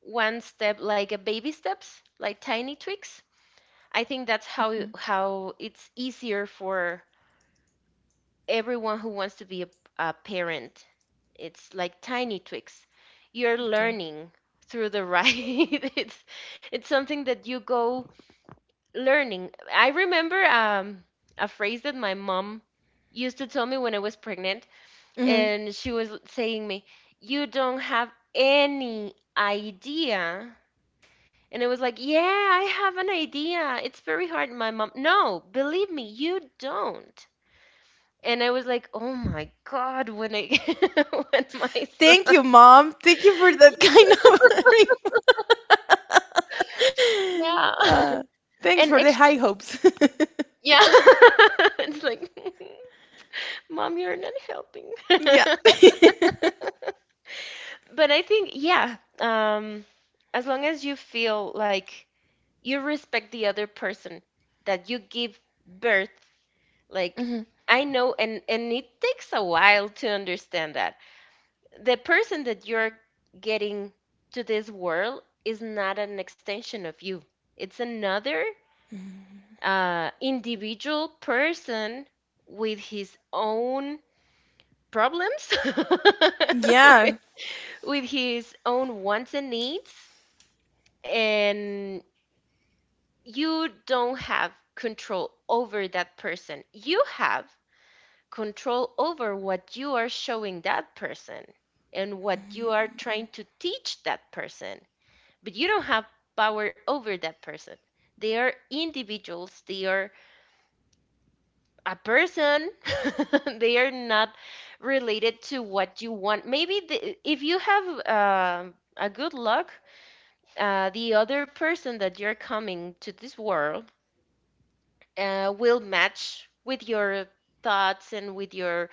S2: one step like a baby steps, like tiny tweaks. I think that's
S1: Hmm.
S2: how it's easier for everyone who wants to be a parent. It's like tiny tweaks. You're
S1: Okay.
S2: learning through the ride. [laughs] it's it's something that you go learning. I remember a phrase that my mom used to tell me when I was pregnant,
S1: Hmm.
S2: and she was saying me, "You don't have any idea." And it was like, yeah, I have an idea. It's very hard. And my mom, no, believe me, you don't. And I was like, "Oh my God," when I [laughs] when my son.
S1: Thank you, Mom. Thank you for that [laughs] kind of
S2: Yeah.
S1: [laughs]
S2: [laughs]
S1: thanks
S2: And
S1: for the
S2: actually
S1: high hopes. [laughs]
S2: yeah. [laughs] It's like, [laughs] "Mom, you're not helping." [laughs]
S1: Yeah. [laughs]
S2: But I think, yeah, as long as you feel like you respect the other person that you give birth, like
S1: Hmm.
S2: I know and it takes a while to understand that. The person that you're getting to this world is not an extension of you. It's another individual person with his own problems,
S1: Yeah.
S2: [laughs] with his own wants and needs, and you don't have control over that person. You have control over what you are showing that person and what you are trying to teach that person but you don't have power over that person. They are individuals, they are a person, [laughs] they are not related to what you want. Maybe if you have a good luck, the other person that you're coming to this world will match with your thoughts and with your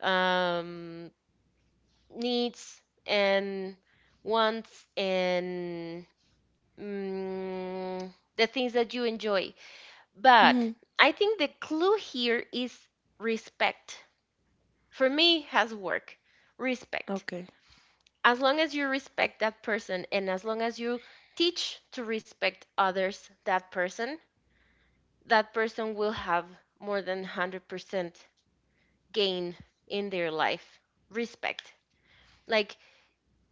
S2: um, needs and wants and mm, the things that you enjoy. But I think the clue here is respect. For me, has work. Respect.
S1: Okay.
S2: As long as you respect that person and as long as you teach to respect others, that person will have more than 100% gain in their life. Respect. Like,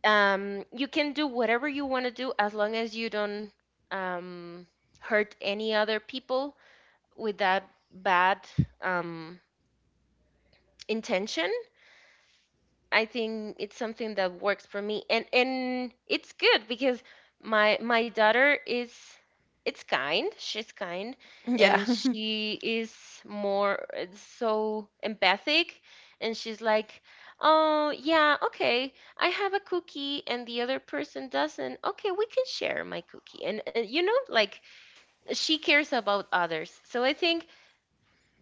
S2: you can do whatever you want to do as long as you don't um, hurt any other people with that bad um, intention. I think it's something that works for me, and it's good because my daughter, is it's kind she's kind,
S1: Yeah.
S2: and
S1: [laughs]
S2: she is more so empathic. And she's like, oh yeah, okay, I have a cookie and the other person doesn't, okay, we can share my cookie. And like, she cares about others. So I think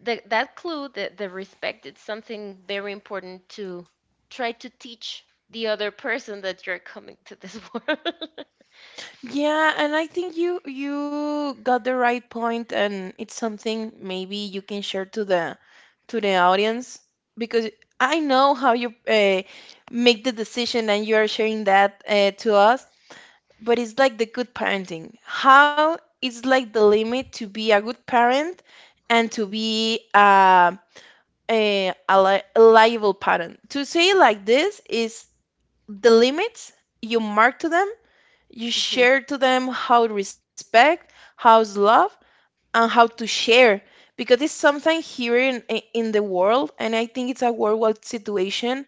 S2: that clue, the respect, it's something very important to try to teach the other person that you're coming to this world.
S1: Yeah, and I think you you got the right point, and it's something maybe you can share to the audience, because I know how you make the decision and you are sharing that to us, but it's like the good parenting. How it's like the limit to be a good parent, and to be a, li a liable parent. To say it like this, is the limits you mark to them. You
S2: [laughs]
S1: share to them how to respect, how to love, and how to share. Because it's something here in the world, and I think it's a worldwide situation,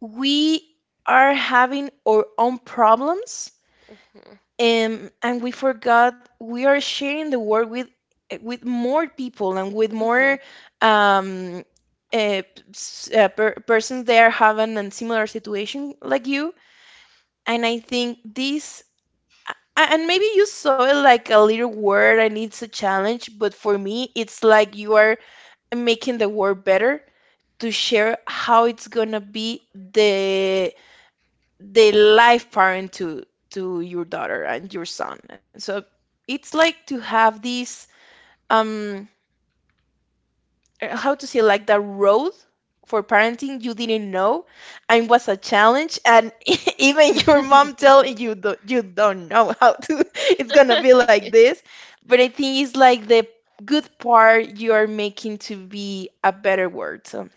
S1: we are having our own problems,
S2: Mhm,
S1: and we forgot we are sharing the world with more people and with
S2: mhm,
S1: more um, uh, persons there having a similar situation like you. And I think this A- and maybe you saw it like a little word and it's a challenge, but for me it's like you are making the world better to share how it's gonna be the life parent to your daughter and your son. And so it's like to have this um how to say, like the road for parenting you didn't know, and was a challenge, and [laughs] even your mom telling
S2: mhm.
S1: you do, you don't know how to [laughs] it's gonna be
S2: [laughs]
S1: like this. But I think it's like the good part you are making to be a better world. So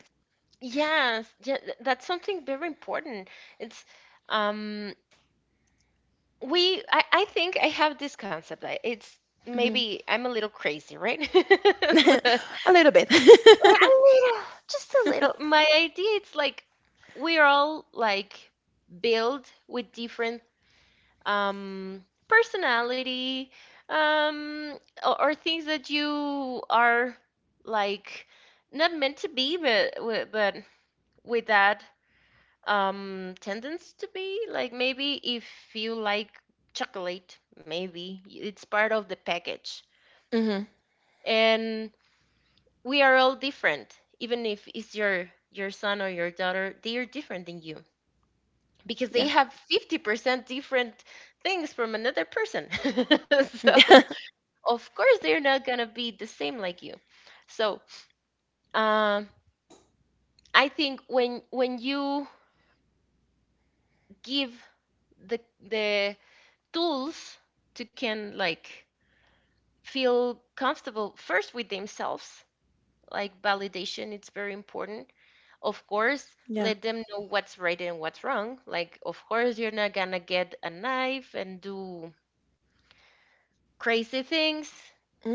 S2: Yes, yeah, that's something very important. It's um I think I have this concept. I, it's
S1: mhm.
S2: maybe I'm a little crazy, right? [laughs]
S1: [laughs]
S2: But,
S1: A little bit.
S2: a little, [sighs] just a little. My idea it's like we're all like built with different personality, um or things that you are like not meant to be but but with that tendency to be like, maybe if you like chocolate, maybe it's part of the package.
S1: [laughs] Hmm.
S2: And we are all different, even if it's your son or your daughter, they are different than you because
S1: Yeah.
S2: they have 50% different things from another person. [laughs]
S1: [laughs]
S2: So of course they're not going to be the same like you. So um I think when you give the the tools to can like feel comfortable first with themselves. Like, validation it's very important. Of course,
S1: Yeah,
S2: let them know what's right and what's wrong. Like, of course you're not gonna get a knife and do crazy things,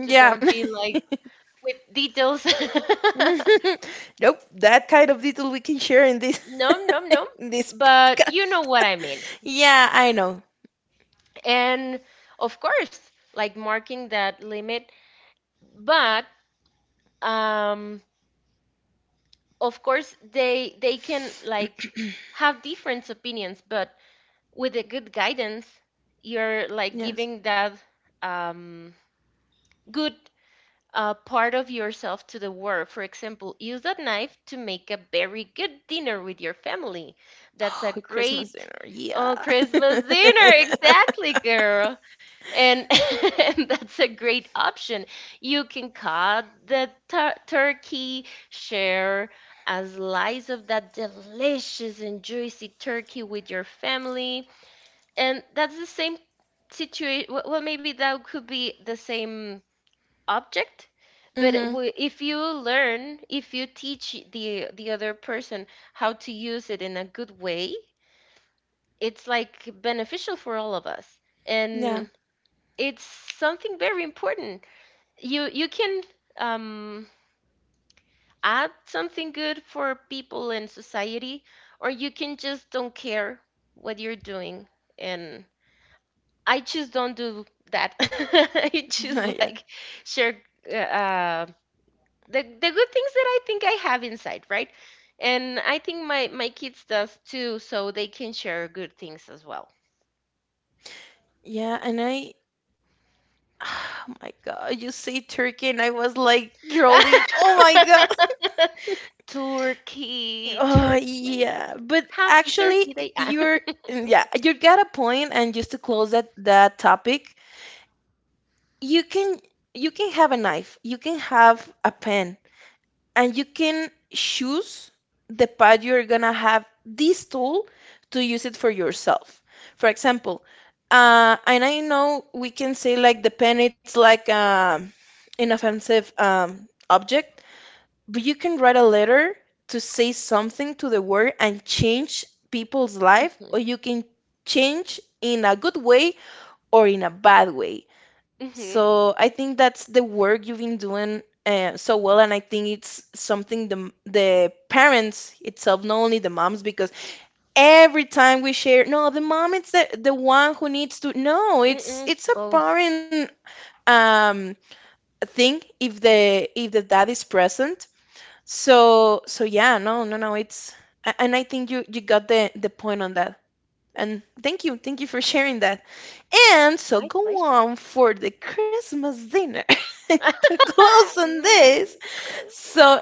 S2: to don't be like with details.
S1: [laughs] Nope, that kind of detail we can share in this
S2: [laughs] No, no, no,
S1: [laughs] in this
S2: but you
S1: podcast.
S2: know what I mean.
S1: Yeah, I know.
S2: And of course, like marking that limit, but um of course they can like have different opinions, but with a good guidance, you're like
S1: Yes.
S2: giving that um, good part of yourself to the world. For example, use that knife to make a very good dinner with your family.
S1: [sighs]
S2: That's a
S1: Oh, Christmas
S2: great...
S1: dinner. Yeah.
S2: Oh,
S1: [laughs]
S2: Christmas dinner. Exactly, girl. And, [laughs] and that's a great option. You can cut the turkey, share a slice of that delicious and juicy turkey with your family, and that's the same situation, well, maybe that could be the same object, but it
S1: Mm-hmm.
S2: wi- if you learn if you teach the other person how to use it in a good way, it's like beneficial for all of us.
S1: Yeah.
S2: And it's something very important. You can um add something good for people in society, or you can just don't care what you're doing. And I just don't do that. [laughs] I just
S1: [laughs] Yeah.
S2: like share uh, uh, the good things that I think I have inside, right? And I think my kids does too, so they can share good things as well.
S1: Yeah. And I, [sighs] oh my God, you say turkey, and I was like drooling. Oh my God. [laughs]
S2: [laughs] Turkey,
S1: Oh,
S2: Turkey,
S1: yeah. But
S2: happy
S1: actually,
S2: Turkey Day. Ah.
S1: you're,
S2: [laughs]
S1: yeah, you got a point. And just to close that topic, you can you can have a knife, you can have a pen, and you can choose the path you're gonna have this tool to use it for yourself. For example, and I know we can say, like, the pen, it's like an inoffensive object, but you can write a letter to say something to the world and change people's life,
S2: Mhm,
S1: or you can change in a good way or in a bad way.
S2: mhm,
S1: So I think that's the work you've been doing so well, and I think it's something the parents itself, not only the moms, because every time we share, no, the mom is the one who needs to. No,
S2: mm-mm.
S1: it's a
S2: Both.
S1: parent um thing if the dad is present. So so yeah, no, no, no, it's and I think you you got the point on that. And thank you for sharing that. And so
S2: My
S1: go
S2: pleasure.
S1: on for the Christmas dinner [laughs] to close
S2: [laughs]
S1: on this.
S2: Mm, Christmas.
S1: So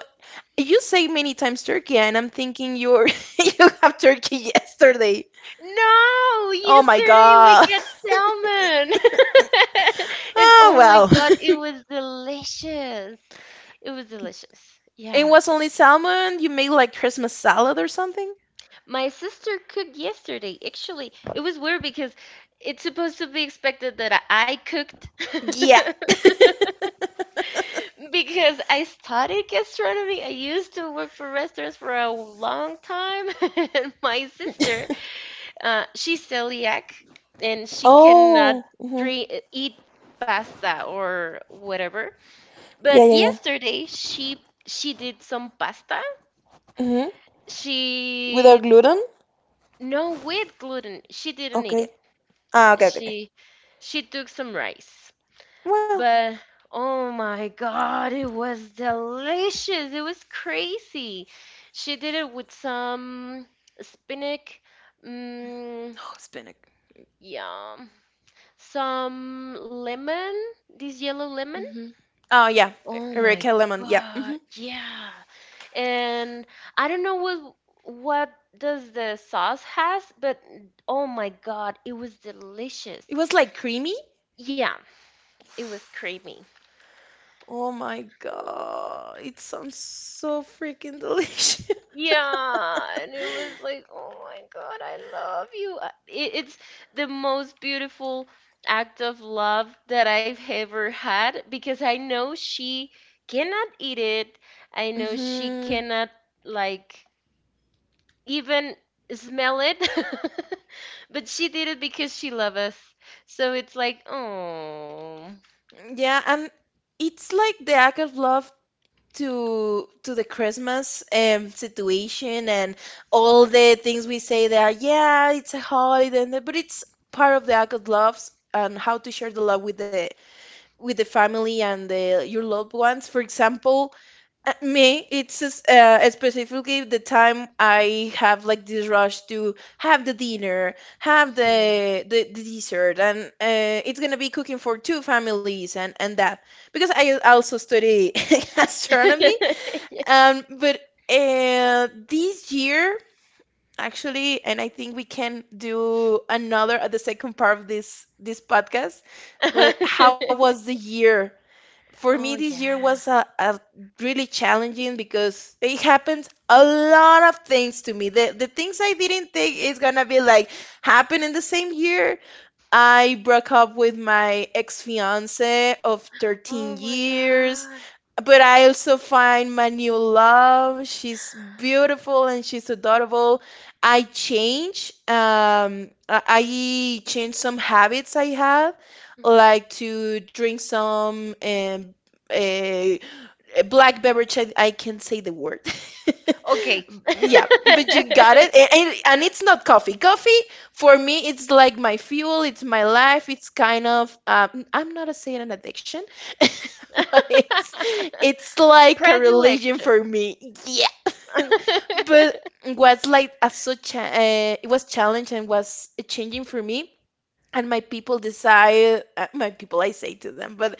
S1: you say many times turkey, and I'm thinking you're [laughs] you have turkey [laughs] yesterday.
S2: No,
S1: Oh my
S2: yesterday we
S1: god.
S2: got
S1: [laughs]
S2: salmon. [laughs] And
S1: Oh
S2: oh
S1: well.
S2: my God, it was delicious. It was delicious.
S1: [laughs] It
S2: Yeah.
S1: was only salmon. You made like Christmas salad or something.
S2: My sister cooked yesterday. Actually, it was weird because it's supposed to be expected that I cooked.
S1: Yeah. [laughs]
S2: [laughs] Because I studied gastronomy. I used to work for restaurants for a long time, [laughs] and my sister... she's celiac and she cannot
S1: Oh. Hmm.
S2: eat pasta or whatever.
S1: Yeah,
S2: But
S1: yeah, yeah.
S2: yesterday she did some pasta.
S1: Hmm. Without
S2: She
S1: gluten.
S2: no with gluten. She didn't eat
S1: Okay.
S2: it.
S1: Ah, okay, okay, okay.
S2: She she took some rice.
S1: Well,
S2: But oh my God, it was delicious. It was crazy. She did it with some spinach, mm,
S1: oh, it's been a
S2: yeah, some lemon, this yellow lemon.
S1: hmm Oh yeah,
S2: Oh my
S1: Eureka Lemon. Yeah.
S2: God.
S1: Hmm.
S2: Yeah. And I don't know what does the sauce has, but oh my God, it was delicious.
S1: It was like creamy.
S2: Yeah, it was creamy.
S1: Oh my God, it sounds so freaking delicious.
S2: Yeah, and it was like, oh my God, I love you. It's the most beautiful act of love that I've ever had because I know she cannot eat it. I
S1: [laughs]
S2: know she
S1: Hmm.
S2: cannot, like, even smell it. [laughs] But she did it because she loves us. So it's like, oh.
S1: Yeah, and it's like the act of love to the Christmas situation and all the things we say there. Yeah, it's a holiday, and the- but it's part of the act of loves and how to share the love with the family and the your loved ones. For example, me, it's specifically the time I have like this rush to have the dinner, have
S2: Mhm.
S1: the dessert, and it's gonna be cooking for two families and that, because I also study [laughs] astronomy.
S2: [laughs]
S1: But this year actually, and I think we can do another at the second part of this this podcast. Well, how was the
S2: [laughs]
S1: year? For me
S2: Oh,
S1: this year was
S2: yeah.
S1: a really challenging, because it happened a lot of things to me, the things I didn't think is gonna be like happen in the same year. I broke up with my ex-fiance of 13
S2: Oh my
S1: years,
S2: God.
S1: but I also find my new love. She's beautiful and she's adorable. I change. I change some habits I have, like to drink some uh, a black beverage, I can say the word.
S2: Okay.
S1: [laughs] Yeah, but you got
S2: [laughs]
S1: it. And, and it's not coffee coffee, for me it's like my fuel, it's my life, it's kind of I'm not a saying an addiction. [laughs] But it's like a religion for
S2: Predilection.
S1: me. Yeah.
S2: [laughs]
S1: [laughs] But what's like a such a, it was challenge and was changing for me. And my people decide, my people I say to them, but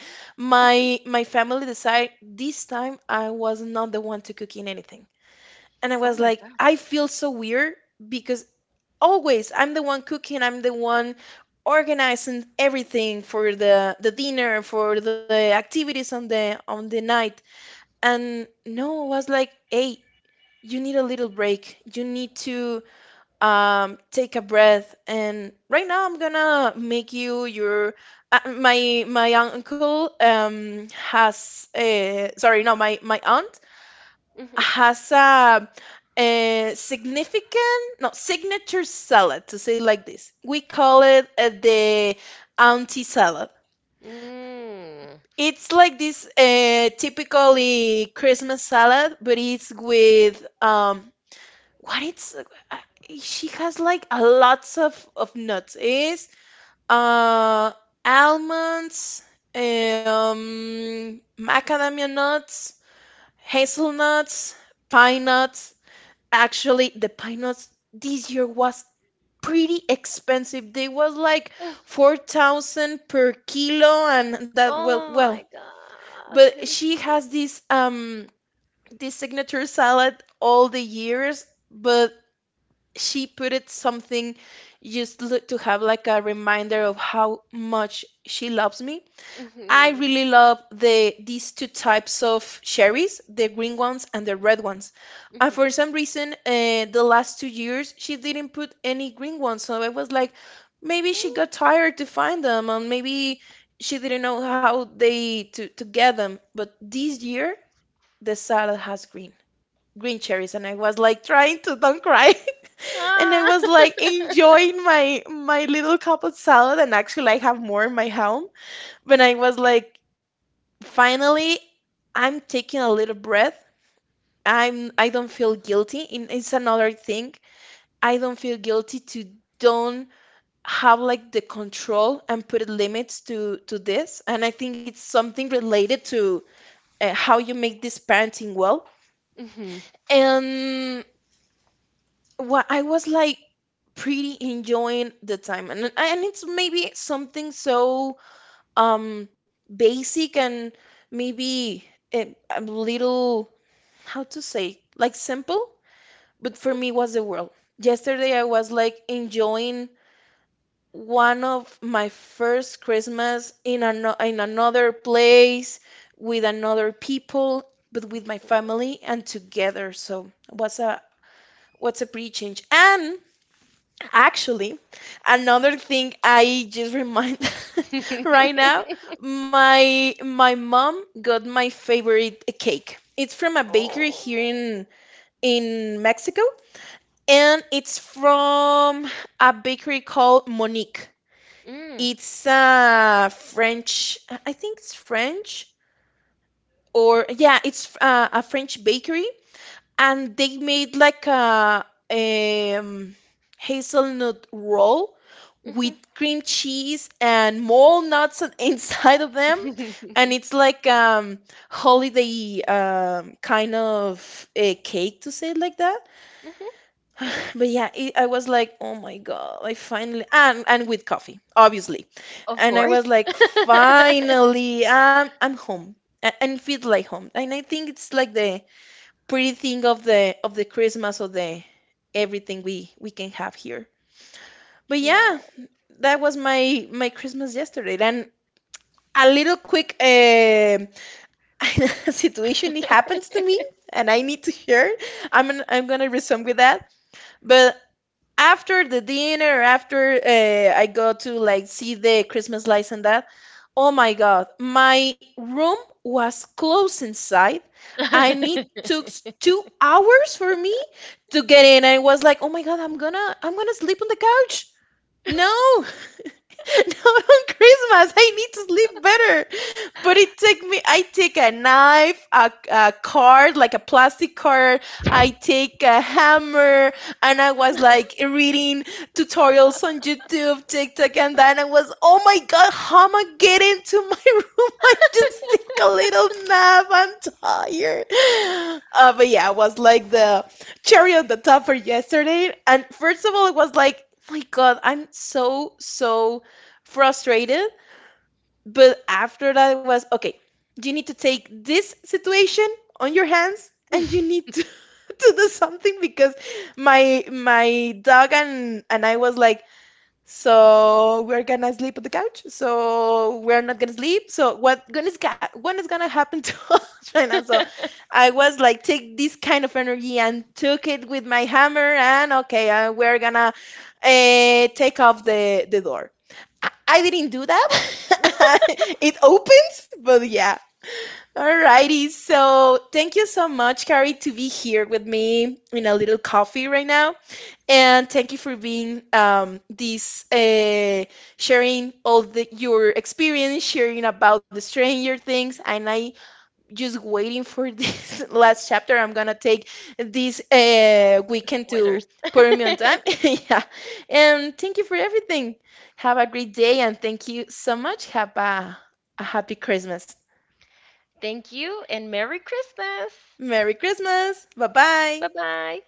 S2: Mhm.
S1: my family decide this time I was not the one to cooking anything. And I
S2: Oh
S1: was
S2: my
S1: like,
S2: God.
S1: I feel so weird, because always I'm the one cooking, I'm the one organizing everything for the dinner, for the activities on the night. And no, I was like, hey, you need a little break, you need to take a breath, and right now I'm gonna make you your my my uncle has uh, sorry, no, my my aunt
S2: Hmm.
S1: has a significant, no, signature salad, to say like this, we call it the auntie salad.
S2: Mm.
S1: It's like this typically Christmas salad, but it's with what it's uh, she has like a lots of nuts, is uh almonds, macadamia nuts, hazelnuts, pine nuts. Actually, the pine nuts this year was pretty expensive, they was like
S2: Mm.
S1: 4,000 per kilo and that, well
S2: Oh my
S1: well,
S2: God.
S1: but
S2: It was
S1: she has
S2: crazy.
S1: this this signature salad all the years. But she put it something, just lo- to have like a reminder of how much she loves me. I
S2: Mm-hmm.
S1: really love the these two types of cherries, the green ones and the red ones. And
S2: Mm-hmm.
S1: for some reason, the last 2 years she didn't put any green ones, so I was like, maybe she got tired to find them, and maybe she didn't know how they to get them. But this year, the salad has green green cherries, and I was like trying to don't cry. [laughs] And I
S2: Ah.
S1: was
S2: [laughs]
S1: like enjoying my my little cup of salad, and actually I have more in my home. But I was like, finally, I'm taking a little breath. I'm I don't feel guilty. And it's another thing. I don't feel guilty to don't have like the control and put limits to this. And I think it's something related to how you make this parenting well.
S2: Mm-hmm.
S1: And what I was like pretty enjoying the time, and it's maybe something so um basic, and maybe a little, how to say, like simple, but for me was the world. Yesterday I was like enjoying one of my first Christmas in in another place, with another people, but with my family and together. So what's a pretty change. And actually, another thing I just remind [laughs] right now,
S2: [laughs]
S1: my mom got my favorite cake. It's from a bakery
S2: Oh.
S1: here in Mexico, and it's from a bakery called Monique.
S2: Mm.
S1: It's a French, I think it's French, or yeah, it's a French bakery, and they made like a um, hazelnut roll with
S2: Mm-hmm.
S1: cream cheese and more nuts on- [laughs] inside of them. And it's like holiday kind of a cake, to say it like that.
S2: Hmm. [laughs]
S1: But yeah, it, I was like, oh my god, I finally, and with coffee obviously.
S2: Of
S1: And I was
S2: course.
S1: like,
S2: [laughs]
S1: finally I'm home. And it feels like home. And I think it's like the pretty thing of the Christmas, or the everything we can have here. But
S2: Yeah.
S1: yeah, that was my my Christmas yesterday. And a little quick [laughs] situation it happens to me, and I need to share. I'm gonna resume with that, but after the dinner, after I go to like see the Christmas lights and that, oh my God, my room was closed inside, and it
S2: [laughs]
S1: took 2 hours for me to get in. I was like, oh my God, I'm gonna sleep on the couch. No, [laughs] now on Christmas, I need to sleep better. But it take me. I take a knife, a card, like a plastic card. I take a hammer, and I was like reading tutorials on YouTube, TikTok, and then I was, oh my god, how am I getting to my [laughs] room? I just take a little nap. I'm tired. But yeah, it was like the cherry on the top for yesterday. And first of all, it was like, "Oh my god, I'm so so frustrated," but after that it was okay, you need to take this situation on your hands and you need to, [laughs] to do something, because my dog and I was like, so we're gonna sleep on the couch, so we're not gonna sleep, so what is gonna happen to [laughs] us right now? So I was like, take this kind of energy and took it with my hammer and okay, we're gonna take off the door. I didn't do that. [laughs] It opens, but yeah. Alrighty, so thank you so much, Carrie, to be here with me in a little coffee right now, and thank you for being this sharing all the your experience, sharing about the Stranger Things, and I just waiting for this [laughs] last chapter. I'm gonna take this weekend to
S2: Spoilers.
S1: put me on time. [laughs] Yeah. And thank you for everything. Have a great day and thank you so much. Have a happy Christmas.
S2: Thank you and Merry Christmas.
S1: Merry Christmas. Bye
S2: Bye
S1: bye.
S2: bye.